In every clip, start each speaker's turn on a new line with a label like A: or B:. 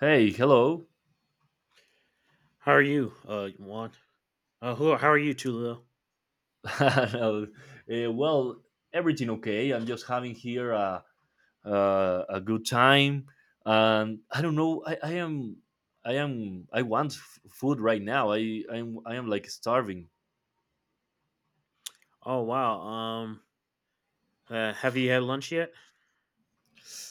A: Hey, hello.
B: How are you, Juan? Who? How are you, Tulio?
A: No, well, everything okay. I'm just having here a good time, and I don't know. I am I am I want food right now. I am like starving.
B: Oh wow. Have you had lunch yet?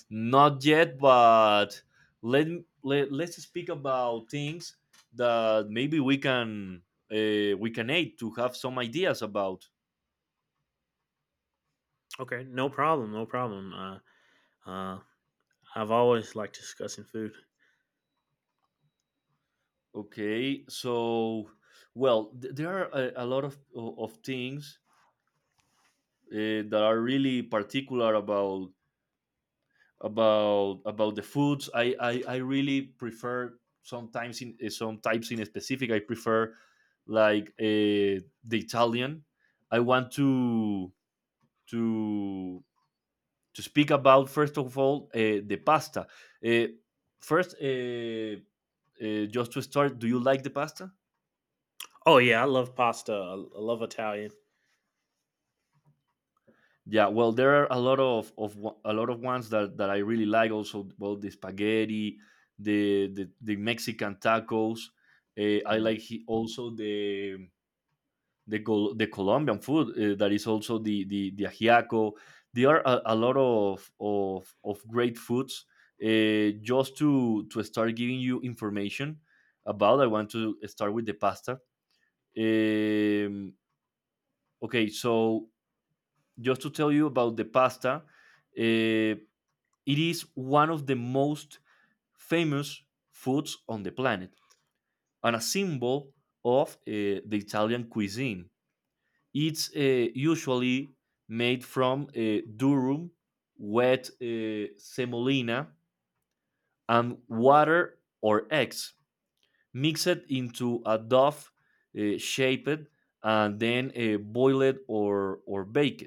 A: Not yet, but let let's speak about things that maybe we can aid to have some ideas about.
B: Okay, no problem, no problem. Uh, I've always liked discussing food.
A: Okay, so well, there are a lot of things that are really particular about the foods. I really prefer sometimes in some types in specific. I prefer like the Italian. I want to to speak about first of all the pasta. Uh, first, just to start, do you like the pasta?
B: Oh yeah, I love pasta. I love Italian.
A: Yeah, well, there are a lot of ones that I really like. Also, well, the spaghetti, the Mexican tacos. I
B: Mm.
A: like also the Colombian food that is also the ajiaco. There are a lot of great foods. Just to start giving you information about, I want to start with the pasta. Um, okay, so just to tell you about the pasta. Uh, It is one of the most famous foods on the planet and a symbol of the Italian cuisine. It's usually made from durum, wet semolina, and water or eggs, mixed into a dough shaped and then boiled or baked.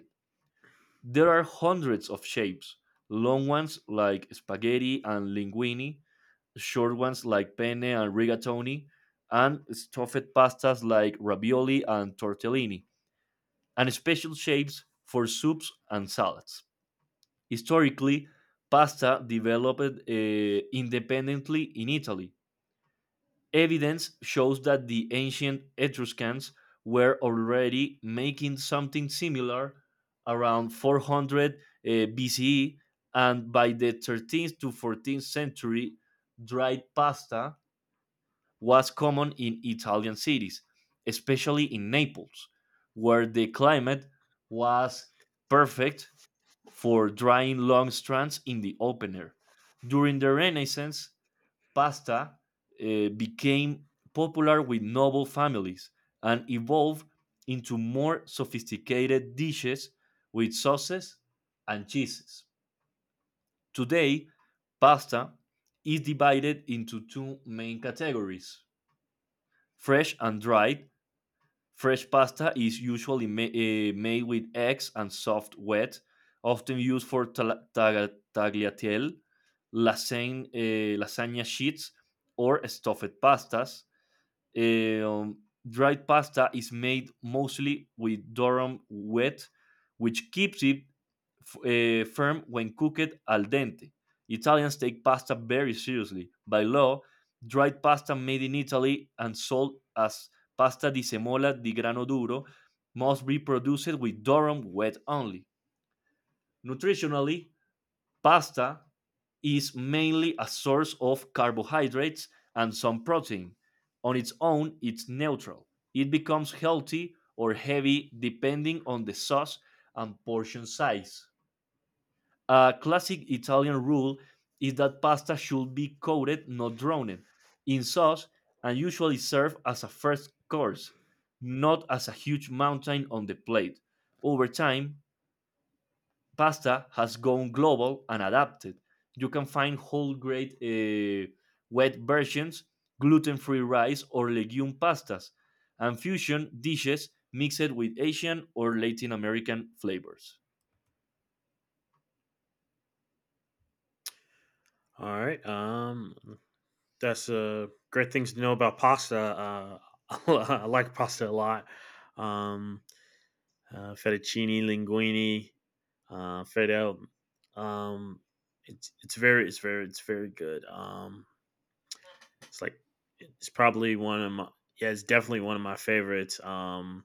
A: There are hundreds of shapes, long ones like spaghetti and linguine, short ones like penne and rigatoni, and stuffed pastas like ravioli and tortellini, and special shapes for soups and salads. Historically, pasta developed independently in Italy. Evidence shows that the ancient Etruscans were already making something similar around 400 BCE, and by the 13th to 14th century, dried pasta was common in Italian cities, especially in Naples, where the climate was perfect for drying long strands in the open air. During the Renaissance, pasta became popular with noble families and evolved into more sophisticated dishes with sauces and cheeses. Today, pasta is divided into two main categories, fresh and dried. Fresh pasta is usually made with eggs and soft wet, often used for tagliatelle, lasagna sheets, or stuffed pastas. Eh, um, Dried pasta is made mostly with durum wheat, which keeps it firm when cooked al dente. Italians take pasta very seriously. By law, dried pasta made in Italy and sold as pasta di semola di grano duro must be produced with durum wheat only. Nutritionally, pasta is mainly a source of carbohydrates and some protein. On its own, it's neutral. It becomes healthy or heavy depending on the sauce and portion size. A classic Italian rule is that pasta should be coated, not drowned, in sauce and usually served as a first course, not as a huge mountain on the plate. Over time, pasta has gone global and adapted. You can find whole grain wet versions, gluten free rice, or legume pastas, and fusion dishes mixed with Asian or Latin American flavors.
B: All right. That's great things to know about pasta. I like pasta a lot. Um, Fettuccine, linguine, fed Um, it's very good. It's like it's probably one of my yeah, it's definitely one of my favorites. Um,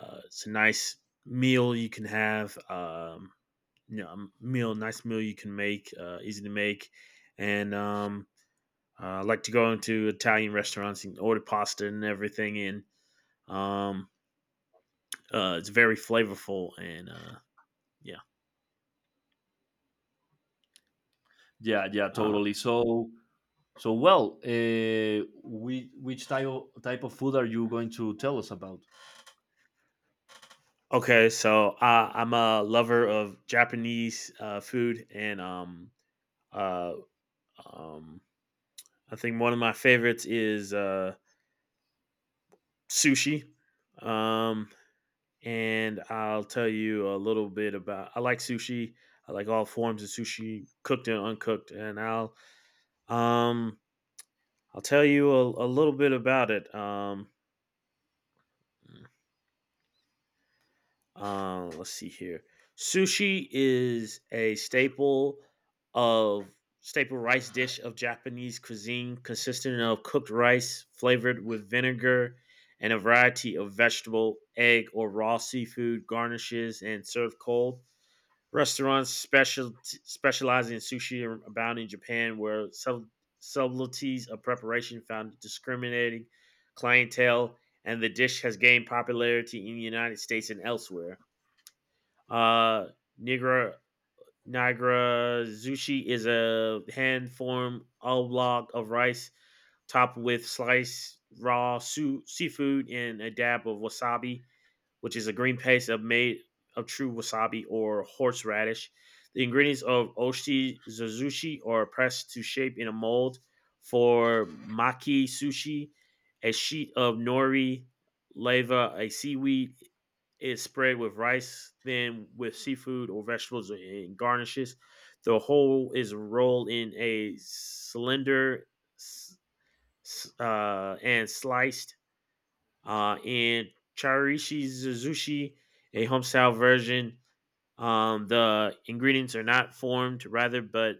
B: uh, It's a nice meal you can have. A meal, nice meal you can make, easy to make, and I like to go into Italian restaurants and order pasta and everything. And um, it's very flavorful and yeah.
A: Yeah, yeah,
B: Uh,
A: totally. So, we which type type of food are you going to tell us about?
B: okay, so I'm a lover of Japanese food and uh, um, I think one of my favorites is sushi. Um, and I'll tell you a little bit about. I like sushi. I like all forms of sushi, cooked and uncooked. And um, I'll tell you a little bit about it. Let's see here. Sushi is a of staple rice dish of Japanese cuisine, consisting of cooked rice flavored with vinegar and a variety of vegetable, egg, or raw seafood garnishes, and served cold. Restaurants specializing in sushi are abound in Japan, where subtleties of preparation found discriminating clientele, and the dish has gained popularity in the United States and elsewhere. Uh, Nigra Nigra Zushi is a hand form oblong of rice topped with sliced raw seafood and a dab of wasabi, which is a green paste of made of true wasabi or horseradish. The ingredients of oshi zuzushi are pressed to shape in a mold for maki sushi. A sheet of nori leva, a seaweed, is spread with rice, then with seafood or vegetables and garnishes. The whole is rolled in a cylinder and sliced, and Charishi Suzushi, a homestyle version. The ingredients are not formed, but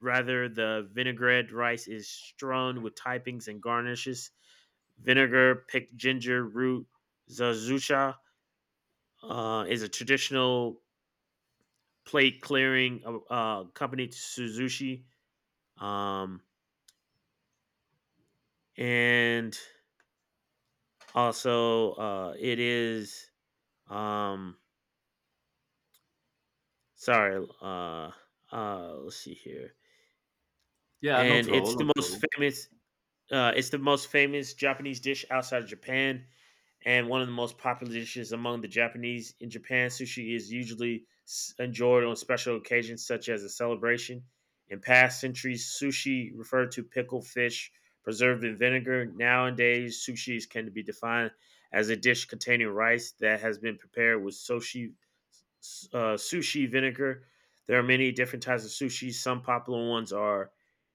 B: rather the vinaigrette rice is strewn with toppings and garnishes. Vinegar, picked ginger root, zazusha is a traditional plate clearing accompanied to suzushi. Um, and it is um, Sorry, uh, let's see here.
A: Yeah, no
B: And
A: trouble,
B: it's
A: no trouble.
B: it's the most famous Japanese dish outside of Japan and one of the most popular dishes among the Japanese. In Japan, sushi is usually enjoyed on special occasions such as a celebration. In past centuries, sushi referred to pickled fish preserved in vinegar. Nowadays, sushi can be defined as a dish containing rice that has been prepared with sushi vinegar. There are many different types of sushi. Some popular ones are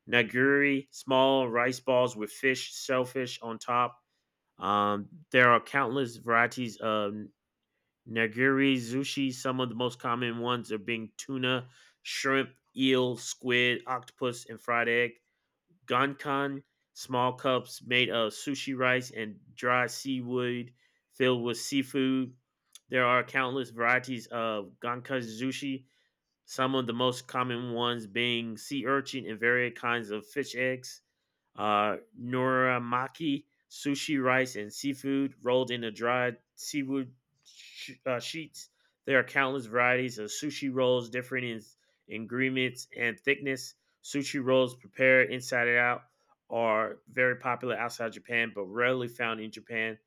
B: nigiri, small rice balls with fish, shellfish on top. There are countless varieties of nigiri sushi. Some of the most common ones are being tuna, shrimp, eel, squid, octopus, and fried egg. Gankan, small cups made of sushi rice and dry seaweed filled with seafood. There are countless varieties of gankan sushi. Some of the most common ones being sea urchin and various kinds of fish eggs. Noramaki, sushi rice and seafood rolled into dried seaweed sheets. There are countless varieties of sushi rolls, different in ingredients and thickness. Sushi rolls prepared inside and out are very popular outside Japan, but rarely found in Japan.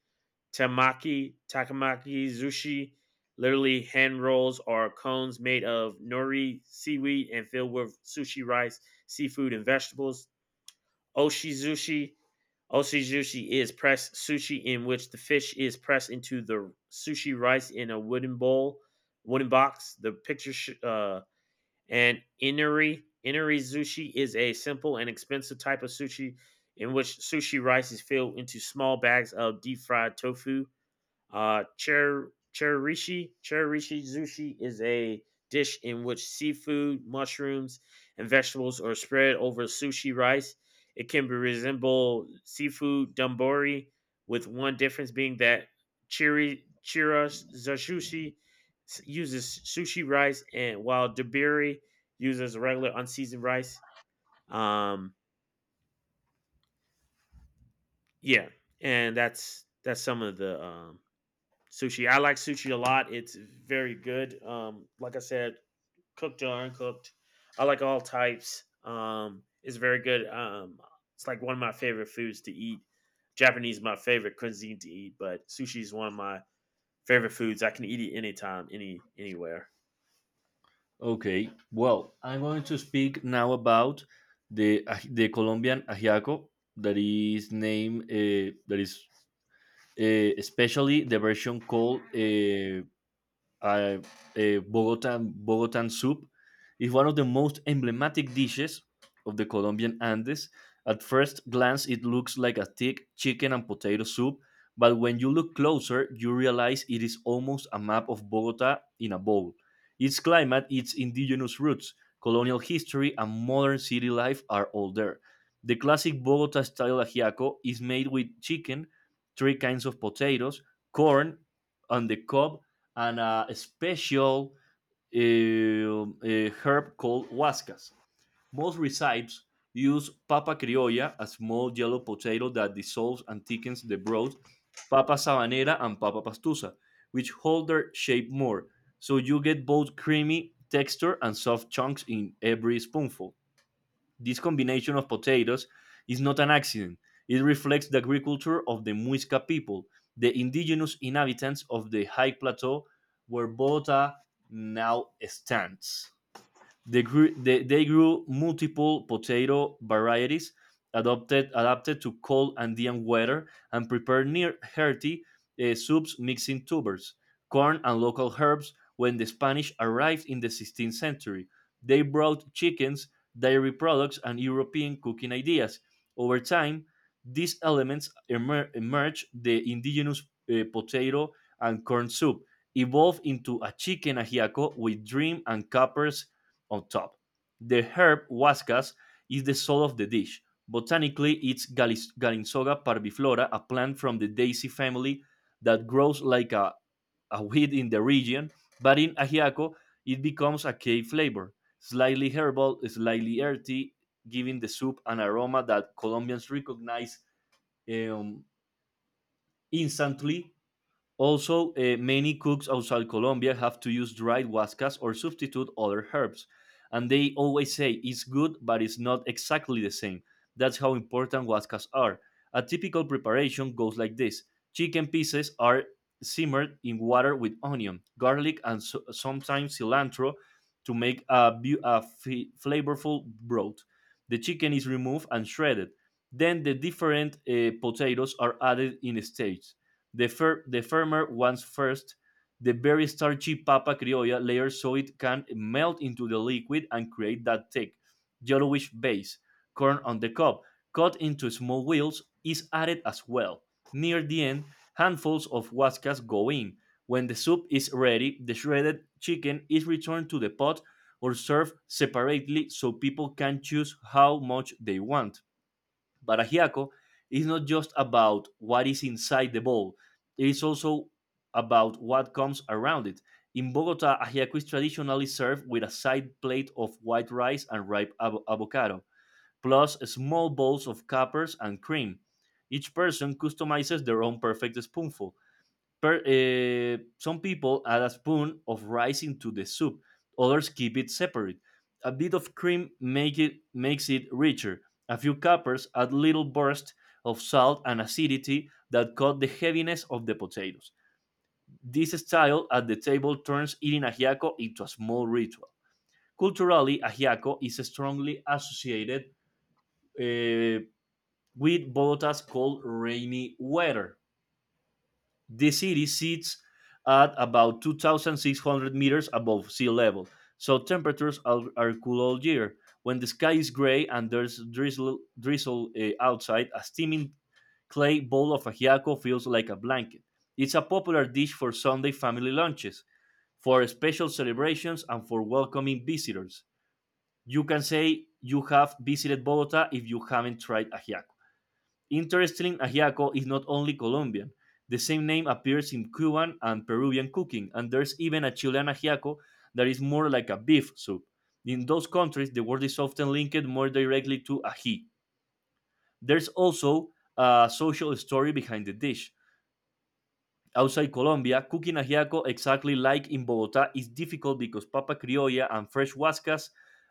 B: Tamaki, takamaki, sushi, literally hand rolls are cones made of nori seaweed and filled with sushi rice, seafood, and vegetables. Oshizushi. Oshizushi is pressed sushi in which the fish is pressed into the sushi rice in a wooden bowl, wooden box. The picture sh- and Inari sushi is a simple and expensive type of sushi in which sushi rice is filled into small bags of deep fried tofu. Cherrishi sushi is a dish in which seafood, mushrooms, and vegetables are spread over sushi rice. It can be resemble seafood dambori, with one difference being that chiri chiras zashushi uses sushi rice, and while dabiri uses regular unseasoned rice. Um, yeah, and that's some of the sushi. I like sushi a lot. It's very good. Like I said, cooked or uncooked. I like all types. It's very good. It's like one of my favorite foods to eat. Japanese is my favorite cuisine to eat, but sushi is one of my favorite foods. I can eat it anytime, anywhere.
A: Okay, well, I'm going to speak now about the Colombian ajiaco that is named that is especially the version called uh, Bogotan soup is one of the most emblematic dishes of the Colombian Andes. At first glance, it looks like a thick chicken and potato soup, but when you look closer, you realize it is almost a map of Bogota in a bowl. Its climate, its indigenous roots, colonial history, and modern city life are all there. The classic Bogota style ajiaco is made with chicken, three kinds of potatoes, corn, and the cob and a special herb called huascas. Most recipes use papa criolla, a small yellow potato that dissolves and thickens the broth, papa sabanera, and papa pastusa, which hold their shape more, so you get both creamy texture and soft chunks in every spoonful. This combination of potatoes is not an accident. It reflects the agriculture of the Muisca people, the indigenous inhabitants of the high plateau where Bogota now stands. They grew multiple potato varieties adapted to cold Andean weather and prepared near hearty soups mixing tubers, corn, and local herbs. When the Spanish arrived in the 16th century, they brought chickens, dairy products, and European cooking ideas. Over time, these elements emerged the indigenous potato and corn soup evolved into a chicken ajiaco with dream and capers on top. The herb huascas is the soul of the dish. Botanically, it's Galinsoga parviflora, a plant from the daisy family that grows like a weed in the region, but in Ajiaco, it becomes a key flavor, slightly herbal, slightly earthy, giving the soup an aroma that Colombians recognize um, instantly. Also, many cooks outside Colombia have to use dried huascas or substitute other herbs. And they always say it's good, but it's not exactly the same. That's how important huascas are. A typical preparation goes like this: chicken pieces are simmered in water with onion, garlic, and sometimes cilantro to make a flavorful broth. The chicken is removed and shredded. Then the different potatoes are added in stages, the firmer ones first, the very starchy papa criolla layer so it can melt into the liquid and create that thick, yellowish base. Corn on the cob, cut into small wheels, is added as well. Near the end, handfuls of huascas go in. When the soup is ready, the shredded chicken is returned to the pot or served separately so people can choose how much they want. Baragiaco is not just about what is inside the bowl, it is also about what comes around it. In Bogota, ajiaco is traditionally served with a side plate of white rice and ripe avocado, plus small bowls of capers and cream. Each person customizes their own perfect spoonful. Some people add a spoon of rice into the soup. Others keep it separate. A bit of cream makes it richer. A few cuppers add little bursts of salt and acidity that cut the heaviness of the potatoes. This style at the table turns eating ajiaco into a small ritual. Culturally, ajiaco is strongly associated eh, with Bogota's cold, rainy weather. The city sits at about 2,600 meters above sea level, so temperatures are cool all year. When the sky is gray and there's drizzle outside, a steaming clay bowl of ajiaco feels like a blanket. It's a popular dish for Sunday family lunches, for special celebrations, and for welcoming visitors. You can say you have visited Bogota if you haven't tried ajiaco. Interestingly, ajiaco is not only Colombian. The same name appears in Cuban and Peruvian cooking, and there's even a Chilean ajiaco that is more like a beef soup. In those countries, the word is often linked more directly to ají. There's also a social story behind the dish. Outside Colombia, cooking ajiaco exactly like in Bogota is difficult because papa criolla and fresh huascas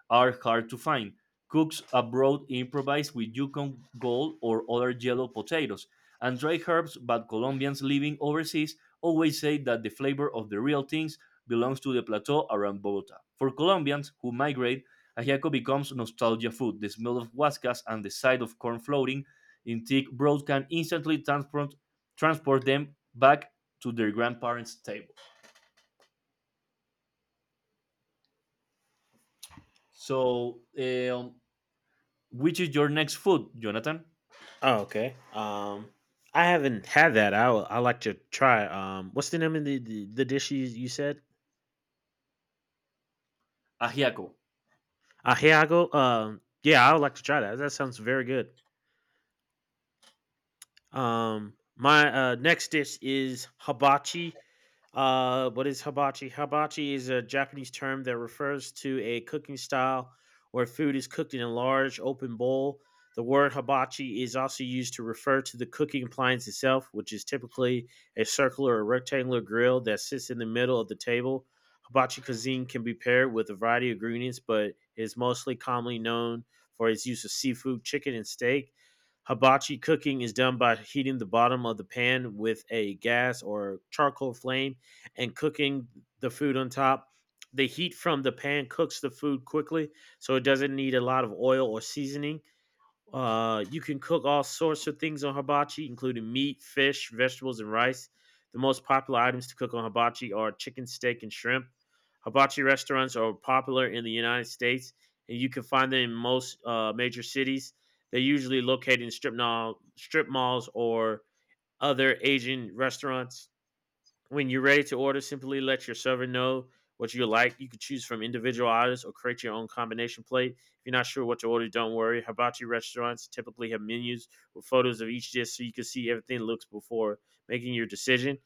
A: are hard to find. Cooks abroad improvise with Yukon gold or other yellow potatoes and dry herbs, but Colombians living overseas always say that the flavor of the real things belongs to the plateau around Bogota. For Colombians who migrate, ajiaco becomes nostalgia food. The smell of huascas and the sight of corn floating in thick broth can instantly transport them back to their grandparents' table. So, which is your next food, Jonathan?
B: Oh, okay. I haven't had that. I like to try. What's the name of the dish you said?
A: Ajiaco.
B: Ahiago. Yeah, I would like to try that. That sounds very good. My next dish is hibachi. What is hibachi? Hibachi is a Japanese term that refers to a cooking style where food is cooked in a large open bowl. The word hibachi is also used to refer to the cooking appliance itself, which is typically a circular or rectangular grill that sits in the middle of the table. Hibachi cuisine can be paired with a variety of ingredients, but is mostly commonly known for its use of seafood, chicken, and steak. Hibachi cooking is done by heating the bottom of the pan with a gas or charcoal flame and cooking the food on top. The heat from the pan cooks the food quickly, so it doesn't need a lot of oil or seasoning. You can cook all sorts of things on hibachi, including meat, fish, vegetables, and rice. The most popular items to cook on hibachi are chicken, steak, and shrimp. Hibachi restaurants are popular in the United States, and you can find them in most major cities. They're usually located in strip malls or other Asian restaurants. When you're ready to order, simply let your server know what you like. You can choose from individual items or create your own combination plate. If you're not sure what to order, don't worry. Hibachi restaurants typically have menus with photos of each dish so you can see everything looks before making your decision.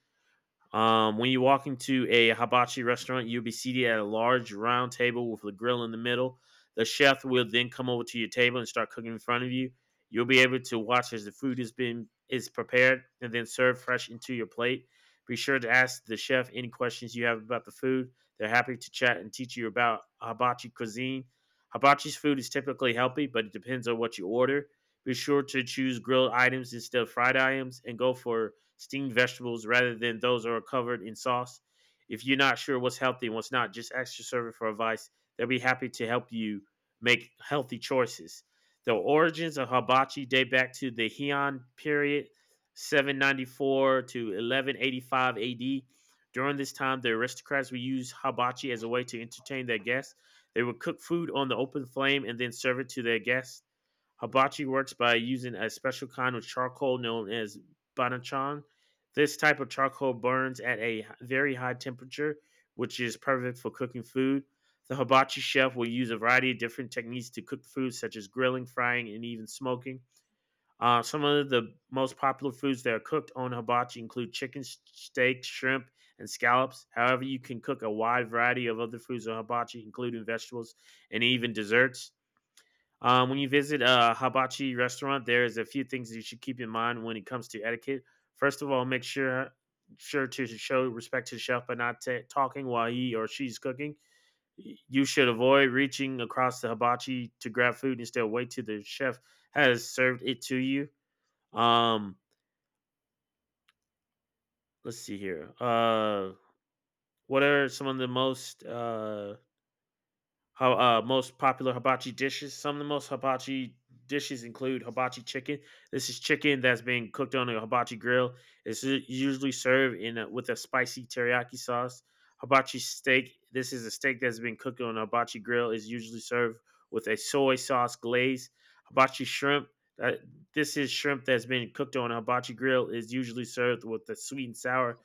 B: When you walk into a hibachi restaurant, you'll be seated at a large round table with a grill in the middle. The chef will then come over to your table and start cooking in front of you. You'll be able to watch as the food is prepared and then served fresh into your plate. Be sure to ask the chef any questions you have about the food. They're happy to chat and teach you about hibachi cuisine. Hibachi's food is typically healthy, but it depends on what you order. Be sure to choose grilled items instead of fried items and go for steamed vegetables rather than those that are covered in sauce. If you're not sure what's healthy and what's not, just ask your server for advice. They'll be happy to help you make healthy choices. The origins of hibachi date back to the Heian period, 794 to 1185 AD. During this time, the aristocrats would use hibachi as a way to entertain their guests. They would cook food on the open flame and then serve it to their guests. Hibachi works by using a special kind of charcoal known as banachan. This type of charcoal burns at a very high temperature, which is perfect for cooking food. The hibachi chef will use a variety of different techniques to cook food, such as grilling, frying, and even smoking. Some of the most popular foods that are cooked on hibachi include chicken, steak, shrimp, and scallops. However, you can cook a wide variety of other foods on hibachi, including vegetables and even desserts. When you visit a hibachi restaurant, there's a few things you should keep in mind when it comes to etiquette. First of all, make sure to show respect to the chef by not ta talking while he or she's cooking. You should avoid reaching across the hibachi to grab food. Instead, wait till the chef has served it to you. Um, let's see here. What are some of the most How Most popular hibachi dishes. Some of the most hibachi dishes include hibachi chicken. This is chicken that's being cooked on a hibachi grill. It's usually served in a, with a spicy teriyaki sauce. Hibachi steak. This is a steak that's been cooked on a hibachi grill. Is usually served with a soy sauce glaze. Hibachi shrimp. Uh, this is shrimp that's been cooked on a hibachi grill. Is usually served with a sweet and sour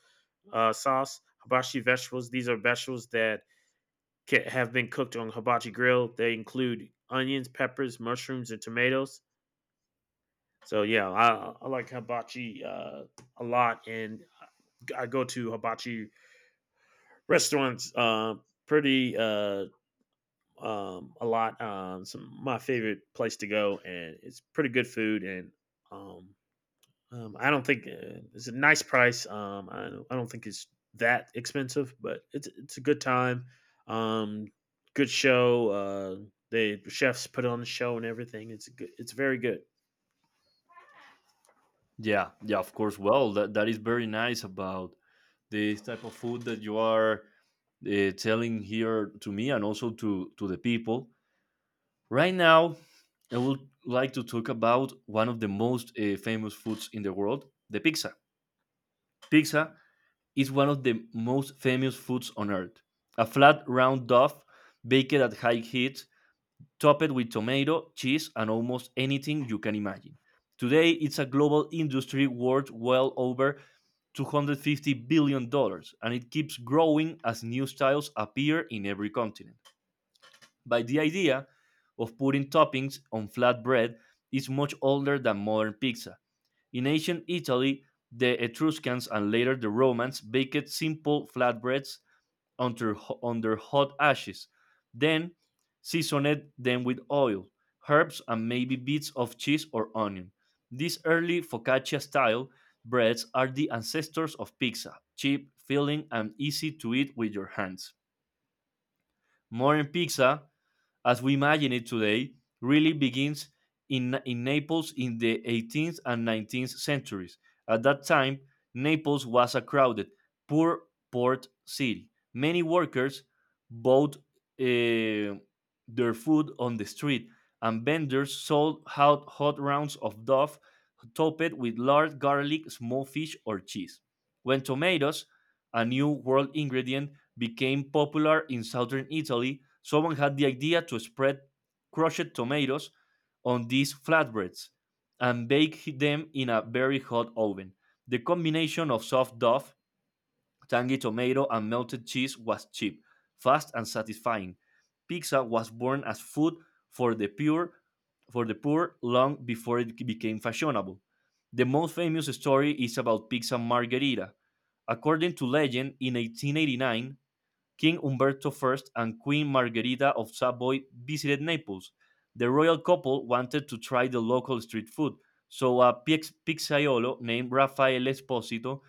B: sauce. Hibachi vegetables. These are vegetables that have been cooked on hibachi grill. They include onions, peppers, mushrooms, and tomatoes. So yeah, I like hibachi a lot, and I go to hibachi restaurants pretty a lot. Some my favorite place to go, and it's pretty good food, and um, I don't think it's a nice price. I don't think it's that expensive, but it's a good time. Um, Good show. The chefs put on the show and everything. It's good. It's very good.
A: Yeah, yeah, of course. Well, that is very nice about this type of food that you are telling here to me and also to the people. Right now, I would like to talk about one of the most famous foods in the world, the pizza. Pizza is one of the most famous foods on earth. A flat, round dough baked at high heat topped with tomato, cheese, and almost anything you can imagine. Today, it's a global industry worth well over $250 billion, dollars, and it keeps growing as new styles appear in every continent. But the idea of putting toppings on flat bread is much older than modern pizza. In ancient Italy, the Etruscans and later the Romans baked simple flatbreads under, under hot ashes. Then season it then with oil, herbs, and maybe bits of cheese or onion. These early focaccia style breads are the ancestors of pizza, cheap, filling, and easy to eat with your hands. Modern pizza as we imagine it today, really begins in Naples in the 18th and 19th centuries. At that time, Naples was a crowded, poor port city. Many workers bought their food on the street, and vendors sold hot rounds of dough topped with large garlic, small fish, or cheese. When tomatoes, a new world ingredient, became popular in southern Italy, someone had the idea to spread crushed tomatoes on these flatbreads and bake them in a very hot oven. The combination of soft dough, tangy tomato, and melted cheese was cheap, fast, and satisfying. Pizza was born as food for the pure for the poor long before it became fashionable. The most famous story is about pizza margherita. According to legend, in 1889, King Umberto I and Queen Margherita of Savoy visited Naples. The royal couple wanted to try the local street food, so a pizzaiolo named Rafael Esposito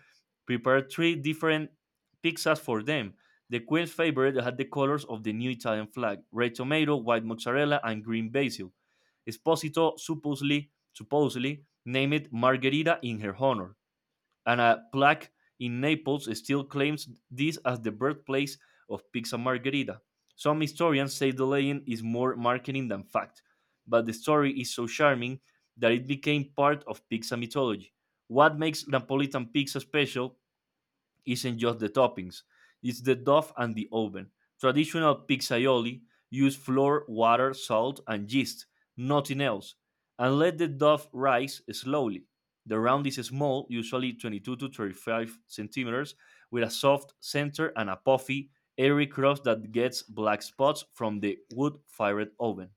A: prepared three different pizzas for them. The queen's favorite had the colors of the new Italian flag: red tomato, white mozzarella, and green basil. Esposito supposedly named it Margherita in her honor, and a plaque in Naples still claims this as the birthplace of pizza margherita. Some historians say the legend is more marketing than fact, but the story is so charming that it became part of pizza mythology. What makes Napolitan pizza special isn't just the toppings, it's the dough and the oven. Traditional pizzaioli use flour, water, salt, and yeast, nothing else, and let the dough rise slowly. The round is small, usually 22 to 35 centimeters, with a soft center and a puffy, airy crust that gets black spots from the wood fired oven.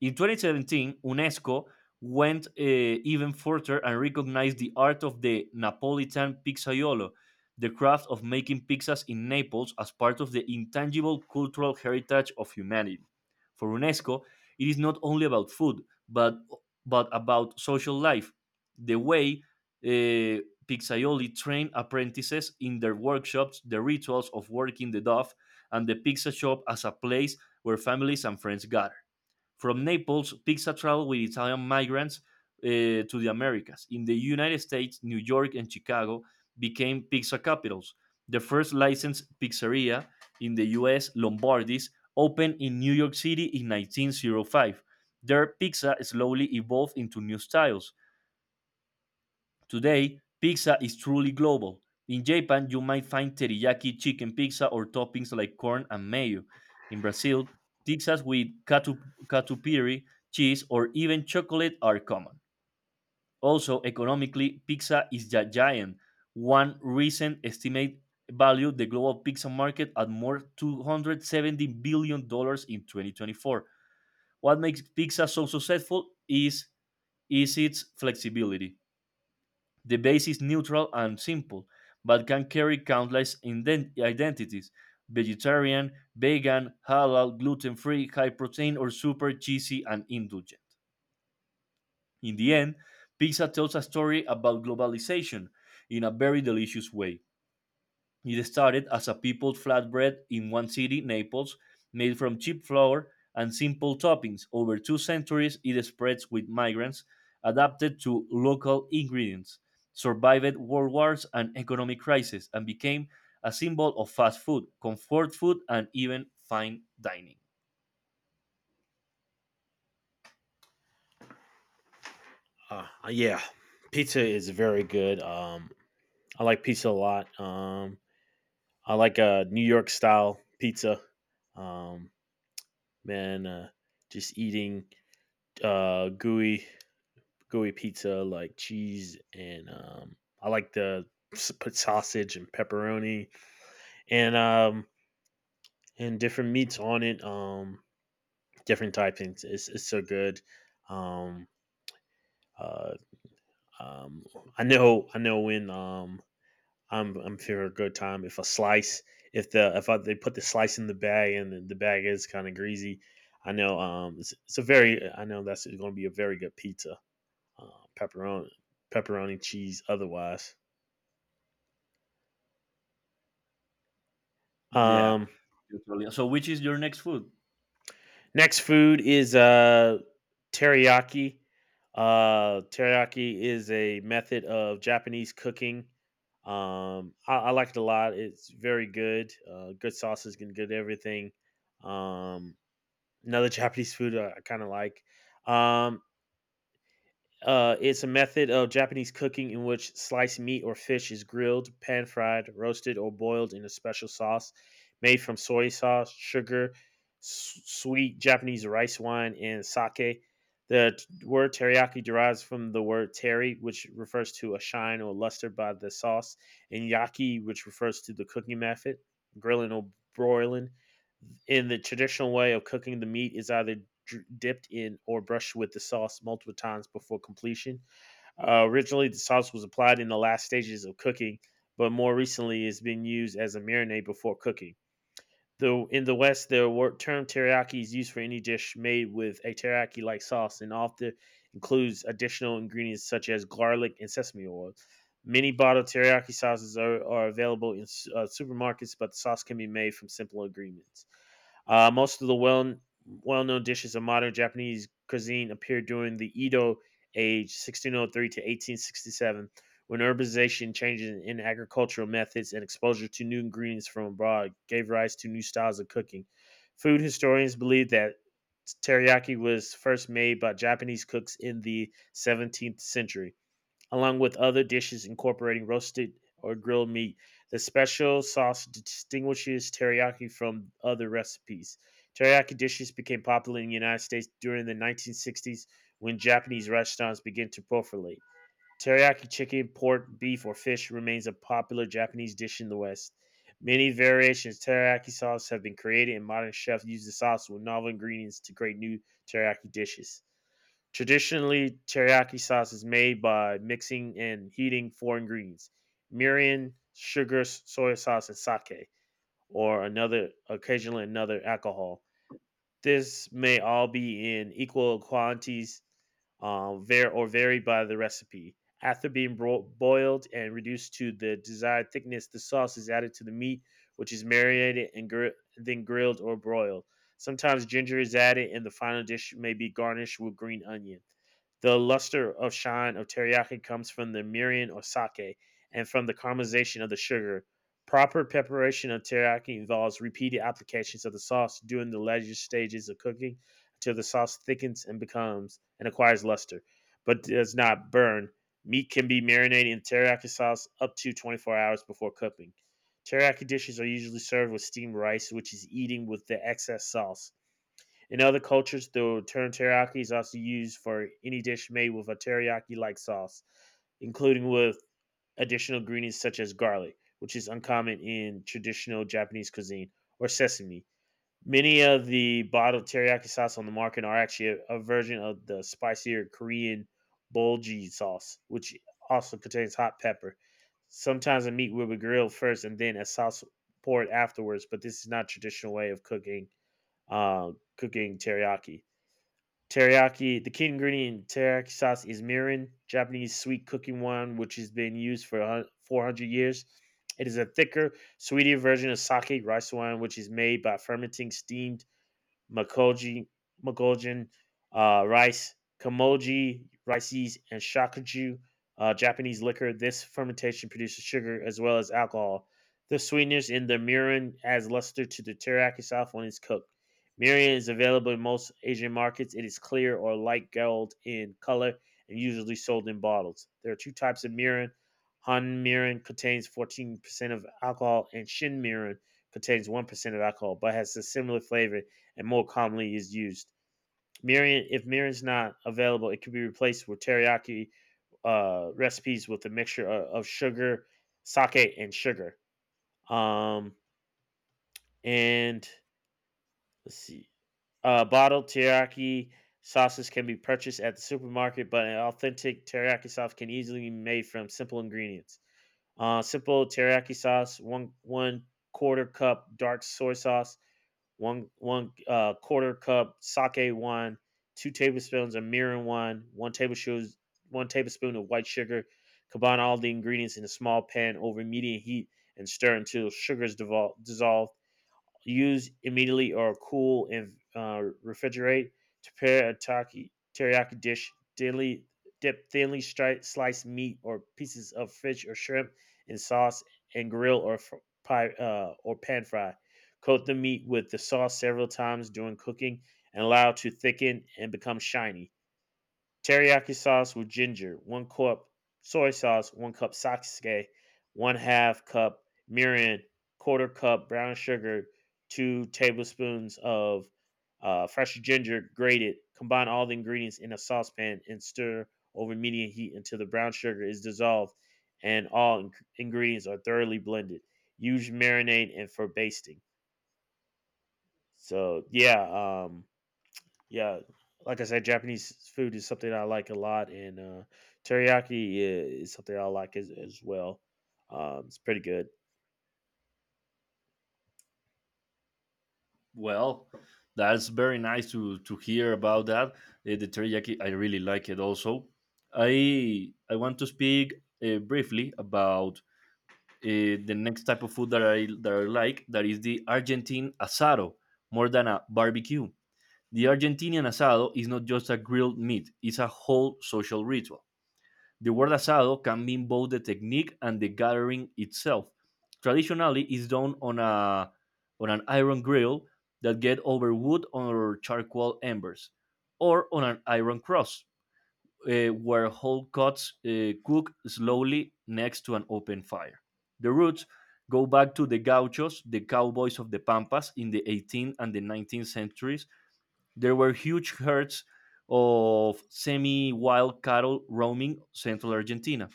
A: In 2017, UNESCO went even further and recognized the art of the Napolitan pizzaiolo, the craft of making pizzas in Naples, as part of the intangible cultural heritage of humanity. For UNESCO, it is not only about food, but, but about social life. The way uh, pizzaioli train apprentices in their workshops, the rituals of working the dough, and the pizza shop as a place where families and friends gather. From Naples, Pizza traveled with Italian migrants uh, to the Americas. In the United States, New York and Chicago became pizza capitals. The first licensed pizzeria in the US, Lombardi's, opened in New York City in 1905. Their pizza slowly evolved into new styles. Today, pizza is truly global. In Japan, you might find teriyaki chicken pizza or toppings like corn and mayo. In Brazil, pizzas with catupiry, cheese, or even chocolate are common. Also, economically, pizza is a giant. One recent estimate valued the global pizza market at more $270 billion dollars in 2024. What makes pizza so successful is its flexibility. The base is neutral and simple, but can carry countless identities vegetarian, vegan, halal, gluten free, high protein, or super cheesy and indulgent. In the end, pizza tells a story about globalization in a very delicious way. It started as a peopled flatbread in one city, Naples, made from cheap flour and simple toppings. Over two centuries, it spread with migrants, adapted to local ingredients, survived world wars and economic crises, and became a symbol of fast food, comfort food, and even fine dining.
B: Yeah, pizza is very good. I like pizza a lot. I like New York style pizza. Um, man, uh, just eating uh, gooey gooey pizza, like cheese and I like to put sausage and pepperoni and um and different meats on it. Different type things. It's so good. Um, uh, um, I know when I'm feeling a good time if a slice if the if I, they put the slice in the bag and the bag is kind of greasy. I know it's a very I know that's going to be a very good pizza. Uh, pepperoni pepperoni cheese otherwise.
A: Yeah,
B: Um,
A: totally. So, which is your next food?
B: Next food is teriyaki. Teriyaki is a method of Japanese cooking. I like it a lot. It's very good. Good sauces and good everything. Um, Another Japanese food I kind of like. Um, it's a method of Japanese cooking in which sliced meat or fish is grilled, pan fried, roasted, or boiled in a special sauce made from soy sauce, sugar, sweet Japanese rice wine, and sake. The word teriyaki derives from the word teri, which refers to a shine or luster by the sauce, and yaki, which refers to the cooking method, grilling or broiling in the traditional way of cooking. The meat is either dipped in or brushed with the sauce multiple times before completion. Originally, the sauce was applied in the last stages of cooking, but more recently, it's been used as a marinade before cooking. Though in the West, the word term teriyaki is used for any dish made with a teriyaki-like sauce, and often includes additional ingredients such as garlic and sesame oil. Many bottled teriyaki sauces are available in supermarkets, but the sauce can be made from simple ingredients. Most of the well known dishes of modern Japanese cuisine appeared during the Edo age, 1603 to 1867, when urbanization changes in agricultural methods and exposure to new ingredients from abroad gave rise to new styles of cooking. Food historians believe that teriyaki was first made by Japanese cooks in the 17th century, along with other dishes incorporating roasted or grilled meat. The special sauce distinguishes teriyaki from other recipes. Teriyaki dishes became popular in the United States during the 1960s when Japanese restaurants began to proliferate. Teriyaki chicken, pork, beef, or fish remains a popular Japanese dish in the West. Many variations of teriyaki sauce have been created, and modern chefs use the sauce with novel ingredients to create new teriyaki dishes. Traditionally, teriyaki sauce is made by mixing and heating four ingredients: mirin, sugar, soy sauce, and sake, or another occasionally another alcohol. This may all be in equal quantities or vary by the recipe. After being boiled and reduced to the desired thickness, the sauce is added to the meat, which is marinated and then grilled or broiled. Sometimes ginger is added, and the final dish may be garnished with green onion. The luster of shine of teriyaki comes from the mirin or sake and from the caramelization of the sugar. Proper preparation of teriyaki involves repeated applications of the sauce during the later stages of cooking until the sauce thickens and becomes and acquires luster, but does not burn. Meat can be marinated in teriyaki sauce up to 24 hours before cooking. Teriyaki dishes are usually served with steamed rice, which is eaten with the excess sauce. In other cultures, the term teriyaki is also used for any dish made with a teriyaki like sauce, including with additional greens such as garlic, which is uncommon in traditional Japanese cuisine, or sesame. Many of the bottled teriyaki sauce on the market are actually a version of the spicier Korean bulgogi sauce, which also contains hot pepper. Sometimes the meat will be grilled first and then a sauce poured afterwards, but this is not a traditional way of uh, cooking teriyaki. Teriyaki, the key ingredient in teriyaki sauce is mirin, Japanese sweet cooking wine, which has been used for 400 years. It is a thicker, sweeter version of sake, rice wine, which is made by fermenting steamed Makoji, Makojin, rice, kamoji, rices, and shakuju, Japanese liquor. This fermentation produces sugar as well as alcohol. The sweetness in the mirin adds luster to the teriyaki sauce when it's cooked. Mirin is available in most Asian markets. It is clear or light gold in color and usually sold in bottles. There are two types of mirin. Han mirin contains 14% of alcohol, and shin mirin contains 1% of alcohol but has a similar flavor and more commonly is used. Mirin, if mirin's not available, it could be replaced with teriyaki recipes with a mixture of sugar, sake, and sugar. Um, and let's see. Bottled teriyaki sauces can be purchased at the supermarket, but an authentic teriyaki sauce can easily be made from simple ingredients. Simple teriyaki sauce: one quarter cup dark soy sauce, one quarter cup sake wine, two tablespoons of mirin wine, one tablespoon of white sugar. Combine all the ingredients in a small pan over medium heat and stir until sugar is dissolved. Use immediately or cool and refrigerate. To prepare a teriyaki dish, dip thinly sliced meat or pieces of fish or shrimp in sauce and grill or fr- pie or pan fry. Coat the meat with the sauce several times during cooking and allow to thicken and become shiny. Teriyaki sauce with ginger: one cup soy sauce, one cup sake, one half cup mirin, quarter cup brown sugar, two tablespoons of fresh ginger grated. Combine all the ingredients in a saucepan and stir over medium heat until the brown sugar is dissolved and all ingredients are thoroughly blended. Use marinade and for basting. So yeah, um, yeah, like I said, Japanese food is something I like a lot, and teriyaki is something I like as well. It's pretty good.
A: Well, that's very nice to hear about that. The teriyaki, I really like it. Also, I want to speak briefly about the next type of food that I like. That is the Argentine asado, more than a barbecue. The Argentinian asado is not just a grilled meat; it's a whole social ritual. The word asado can mean both the technique and the gathering itself. Traditionally, it's done on a on an iron grill that get over wood or charcoal embers, or on an iron cross, where whole cuts cook slowly next to an open fire. The roots go back to the gauchos, the cowboys of the pampas in the 18th and the 19th centuries. There were huge herds of semi-wild cattle roaming central Argentina.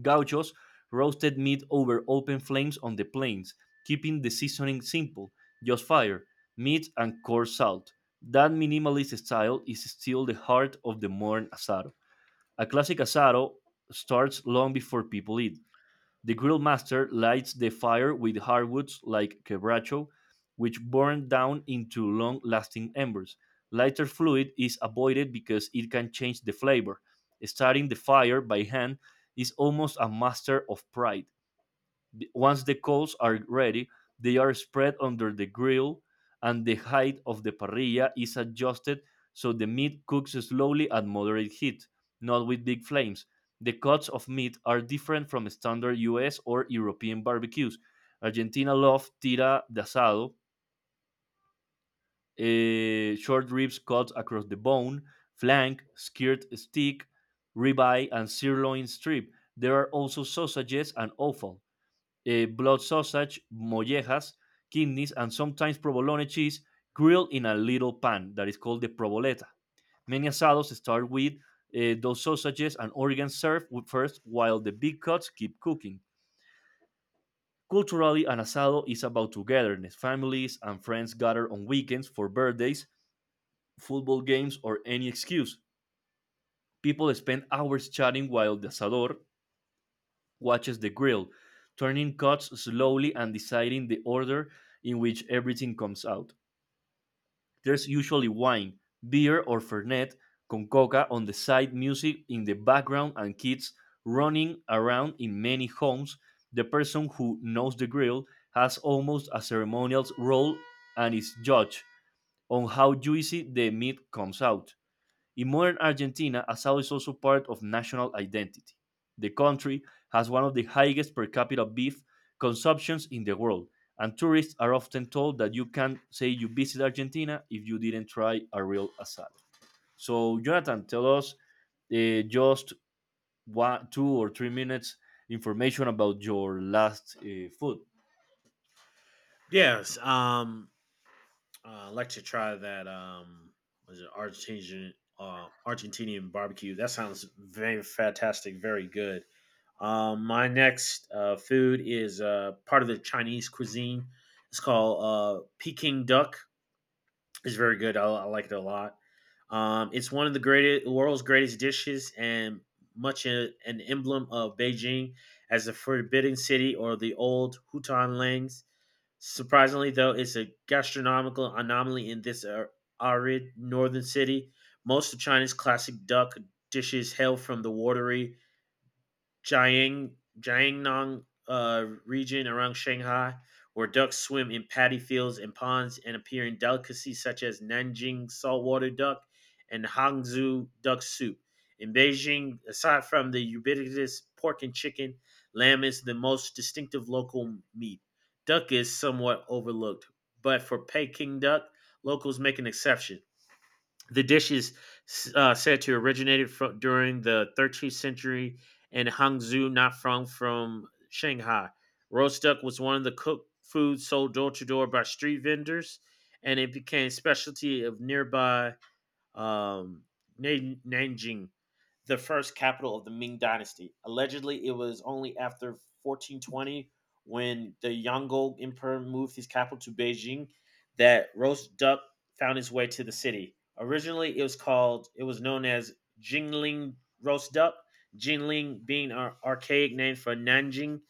A: Gauchos roasted meat over open flames on the plains, keeping the seasoning simple just fire, meat, and coarse salt. That minimalist style is still the heart of the modern asado. A classic asado starts long before people eat. The grill master lights the fire with hardwoods like quebracho, which burn down into long lasting embers. Lighter fluid is avoided because it can change the flavor. Starting the fire by hand is almost a master of pride. Once the coals are ready, they are spread under the grill, and the height of the parrilla is adjusted so the meat cooks slowly at moderate heat, not with big flames. The cuts of meat are different from standard US or European barbecues. Argentina love tira de asado, short ribs cut across the bone, flank, skirt steak, ribeye, and sirloin strip. There are also sausages and offal blood sausage, mollejas, kidneys, and sometimes provolone cheese grilled in a little pan that is called the provoleta. Many asados start with those sausages and organs served with- first while the big cuts keep cooking. Culturally, an asado is about togetherness. Families and friends gather on weekends for birthdays, football games, or any excuse. People spend hours chatting while the asador watches the grill, turning cuts slowly and deciding the order in which everything comes out. There's usually wine, beer, or Fernet con coca on the side, music in the background, and kids running around in many homes. The person who knows the grill has almost a ceremonial role and is judged on how juicy the meat comes out. In modern Argentina, asado is also part of national identity. The country has one of the highest per capita beef consumptions in the world, and tourists are often told that you can't say you visit Argentina if you didn't try a real asado. So, Jonathan, tell us just one, two or three minutes information about your last food.
B: Yes. I'd like to try that. Was it Argentinian? Argentinian barbecue. That sounds very fantastic. Very good. My next food is part of the Chinese cuisine. It's called Peking duck. It's very good. I like it a lot. It's one of the greatest, world's greatest dishes, and much an emblem of Beijing as the Forbidden City or the old Hutan Langs. Surprisingly, though, it's a gastronomical anomaly in this arid northern city. Most of China's classic duck dishes hail from the watery Jiang Jiangnan region around Shanghai, where ducks swim in paddy fields and ponds and appear in delicacies such as Nanjing saltwater duck and Hangzhou duck soup. In Beijing, aside from the ubiquitous pork and chicken, lamb is the most distinctive local meat. Duck is somewhat overlooked, but for Peking duck, locals make an exception. The dish is said to originated from during the 13th century in Hangzhou, not from Shanghai. Roast duck was one of the cooked foods sold door to door by street vendors, and it became a specialty of nearby um, Nanjing, the first capital of the Ming Dynasty. Allegedly, it was only after 1420 when the Yongle Emperor moved his capital to Beijing that roast duck found its way to the city. Originally, it was known as Jingling roast duck. Jingling being an archaic name for Nanjing.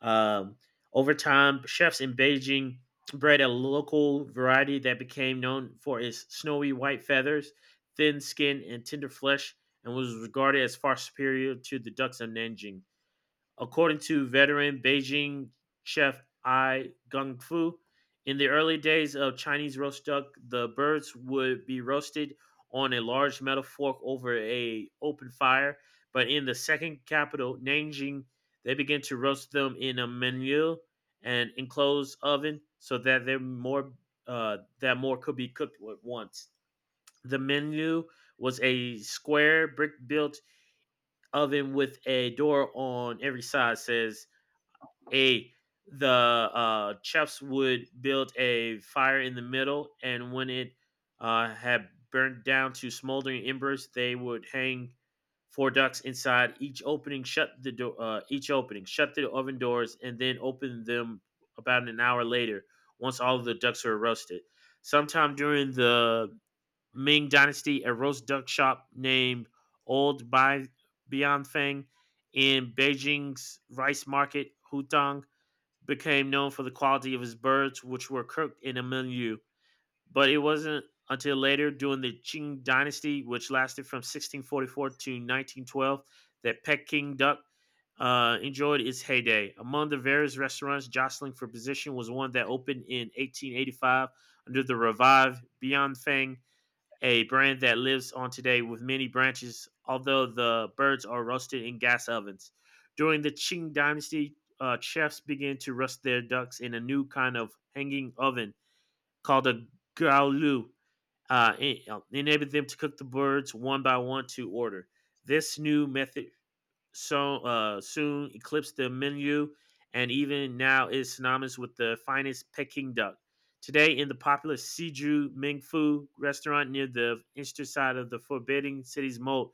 B: um, Over time, chefs in Beijing bred a local variety that became known for its snowy white feathers, thin skin, and tender flesh, and was regarded as far superior to the ducks of Nanjing. According to veteran Beijing chef Ai Gongfu, in the early days of Chinese roast duck, the birds would be roasted on a large metal fork over a open fire, but in the second capital, Nanjing, they began to roast them in a menu and enclosed oven so that they're more that more could be cooked at once. The menu was a square brick built oven with a door on every side, says a the chefs would build a fire in the middle, and when it had burnt down to smoldering embers, they would hang 4 ducks inside each opening. Shut the door. Each opening, shut the oven doors, and then open them about an hour later. Once all of the ducks were roasted, sometime during the Ming Dynasty, a roast duck shop named Old Bai Bianfeng in Beijing's rice market, Hutang, became known for the quality of his birds, which were cooked in a milieu. But it wasn't until later, during the Qing dynasty, which lasted from 1644 to 1912, that Peking duck enjoyed its heyday. Among the various restaurants jostling for position was one that opened in 1885 under the revived Bianfeng, a brand that lives on today with many branches, although the birds are roasted in gas ovens. During the Qing Dynasty, chefs began to roast their ducks in a new kind of hanging oven called a gaolu, uh, enabling them to cook the birds one by one to order. This new method soon eclipsed the menu and even now is synonymous with the finest Peking duck. Today, in the popular Siju Ming Fu restaurant near the eastern side of the Forbidden City's moat,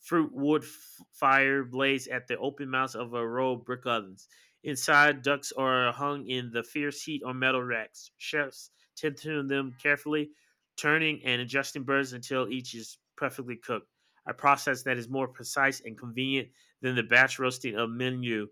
B: fruit wood f- fire blazed at the open mouths of a row of brick ovens. Inside, ducks are hung in the fierce heat on metal racks. Chefs tend to tune them carefully, turning and adjusting birds until each is perfectly cooked. A process that is more precise and convenient than the batch roasting of menu.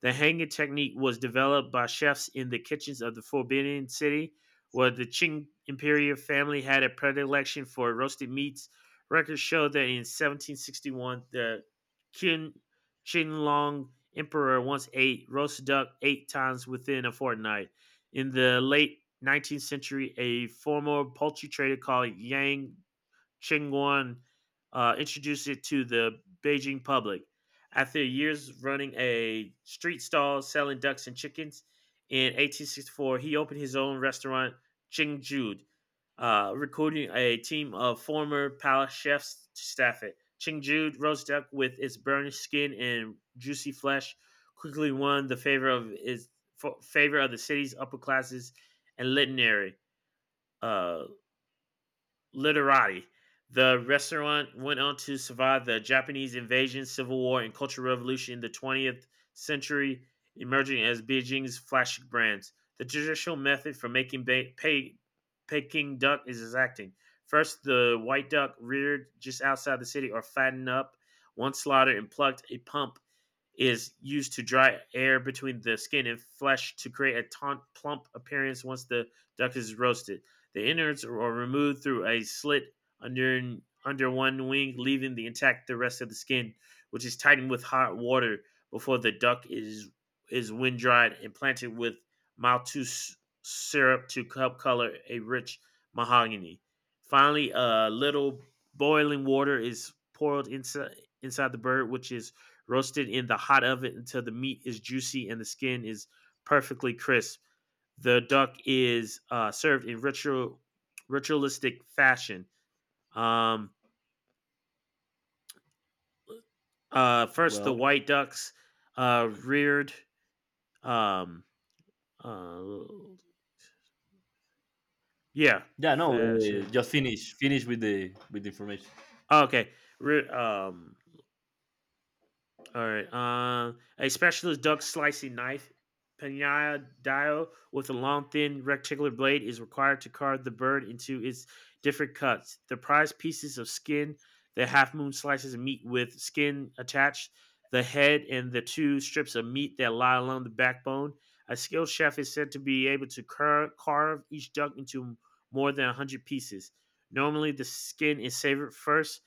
B: The hanging technique was developed by chefs in the kitchens of the Forbidden City, where the Qing imperial family had a predilection for roasted meats. Records show that in 1761, the Qin, Qinlong emperor once ate roast duck eight times within a fortnight. In the late 19th century, a former poultry trader called Yang Chingguan introduced it to the Beijing public. After years running a street stall selling ducks and chickens, in 1864 he opened his own restaurant, Chingjude, recruiting a team of former palace chefs to staff it. Chingjude roast duck with its burnished skin and juicy flesh quickly won the favor of the city's upper classes and literary uh, literati. The restaurant went on to survive the Japanese invasion, civil war, and cultural revolution in the 20th century, emerging as Beijing's flagship brands. The traditional method for making Peking duck is exacting. First, the white duck reared just outside the city or fattened up. Once slaughtered and plucked, a pump is used to dry air between the skin and flesh to create a taunt, plump appearance once the duck is roasted. The innards are removed through a slit under under one wing, leaving the intact the rest of the skin, which is tightened with hot water before the duck is wind dried and planted with maltose syrup to help color a rich mahogany. Finally, a little boiling water is poured inside the bird, which is roasted in the hot oven until the meat is juicy and the skin is perfectly crisp. The duck is served in ritualistic fashion. Um, First, the
A: Well,
B: white ducks reared. Um, uh, yeah,
A: yeah, no,
B: fashion.
A: just finish with the information.
B: Okay, re- um, alright, a specialist duck slicing knife, "penadial," with a long, thin, rectangular blade is required to carve the bird into its different cuts. The prized pieces of skin, the half moon slices of meat with skin attached, the head, and the two strips of meat that lie along the backbone. A skilled chef is said to be able to carve each duck into more than 100 pieces. Normally, the skin is savored first,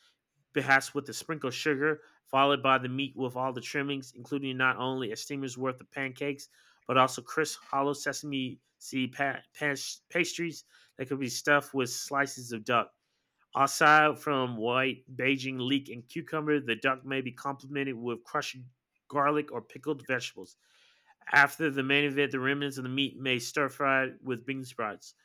B: perhaps with a sprinkle of sugar followed by the meat with all the trimmings, including not only a steamer's worth of pancakes, but also crisp hollow sesame seed pastries that could be stuffed with slices of duck. Aside from white Beijing leek and cucumber, the duck may be complemented with crushed garlic or pickled vegetables. After the main event, the remnants of the meat may stir fried with bean sprouts.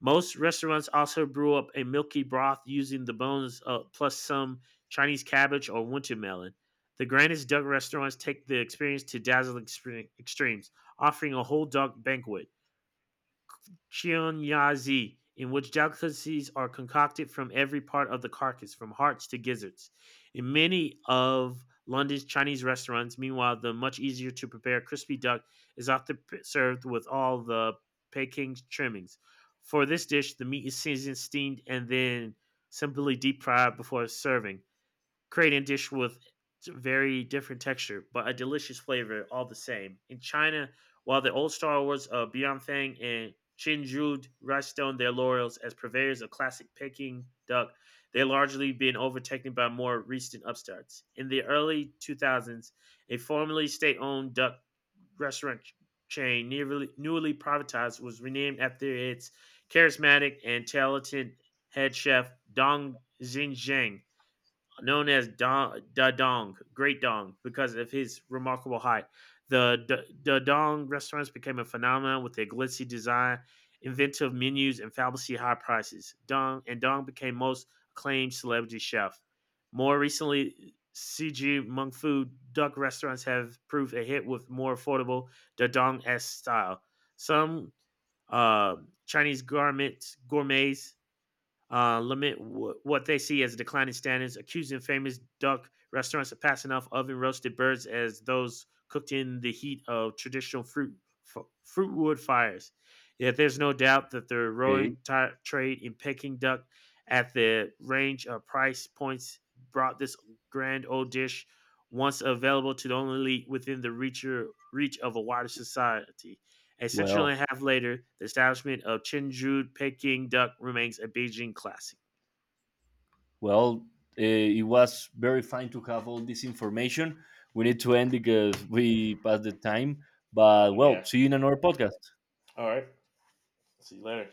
B: Most restaurants also brew up a milky broth using the bones plus some Chinese cabbage or winter melon. The grandest duck restaurants take the experience to dazzling extremes, offering a whole duck banquet. Chionyazi, in which delicacies are concocted from every part of the carcass, from hearts to gizzards. In many of London's Chinese restaurants, meanwhile, the much easier to prepare crispy duck is often served with all the Peking trimmings. For this dish, the meat is seasoned, steamed, and then simply deep fried before serving, creating a dish with very different texture, but a delicious flavor all the same. In China, while the old Star Wars of Bianfeng and Chinjud rest on their laurels as purveyors of classic Peking duck, they are largely been overtaken by more recent upstarts. In the early 2000s, a formerly state owned duck restaurant chain, newly privatized, was renamed after its charismatic and talented head chef, Dong Xinjiang, known as Don, Da Dong, Great Dong, because of his remarkable height. The Da Dong restaurants became a phenomenon with their glitzy design, inventive menus, and fabulously high prices. Dong and Dong became most acclaimed celebrity chef. More recently, CG Mung Fu duck restaurants have proved a hit with more affordable Da Dong esque style. Some uh, Chinese garments gourmets lament what they see as declining standards, accusing famous duck restaurants of passing off oven roasted birds as those cooked in the heat of traditional fruit wood fires. Yet there's no doubt that the
A: Okay,
B: roaring trade in Peking duck at the range of price points brought this grand old dish once available to the only elite within the reach of a wider society. A century and
A: well,
B: a half later, the establishment of Chinju Peking duck remains a Beijing classic.
A: well, it was very fine to have all this information. We need to end because we passed the time. But
B: Oh
A: well,
B: yeah.
A: see you in another podcast.
B: All right. See you later.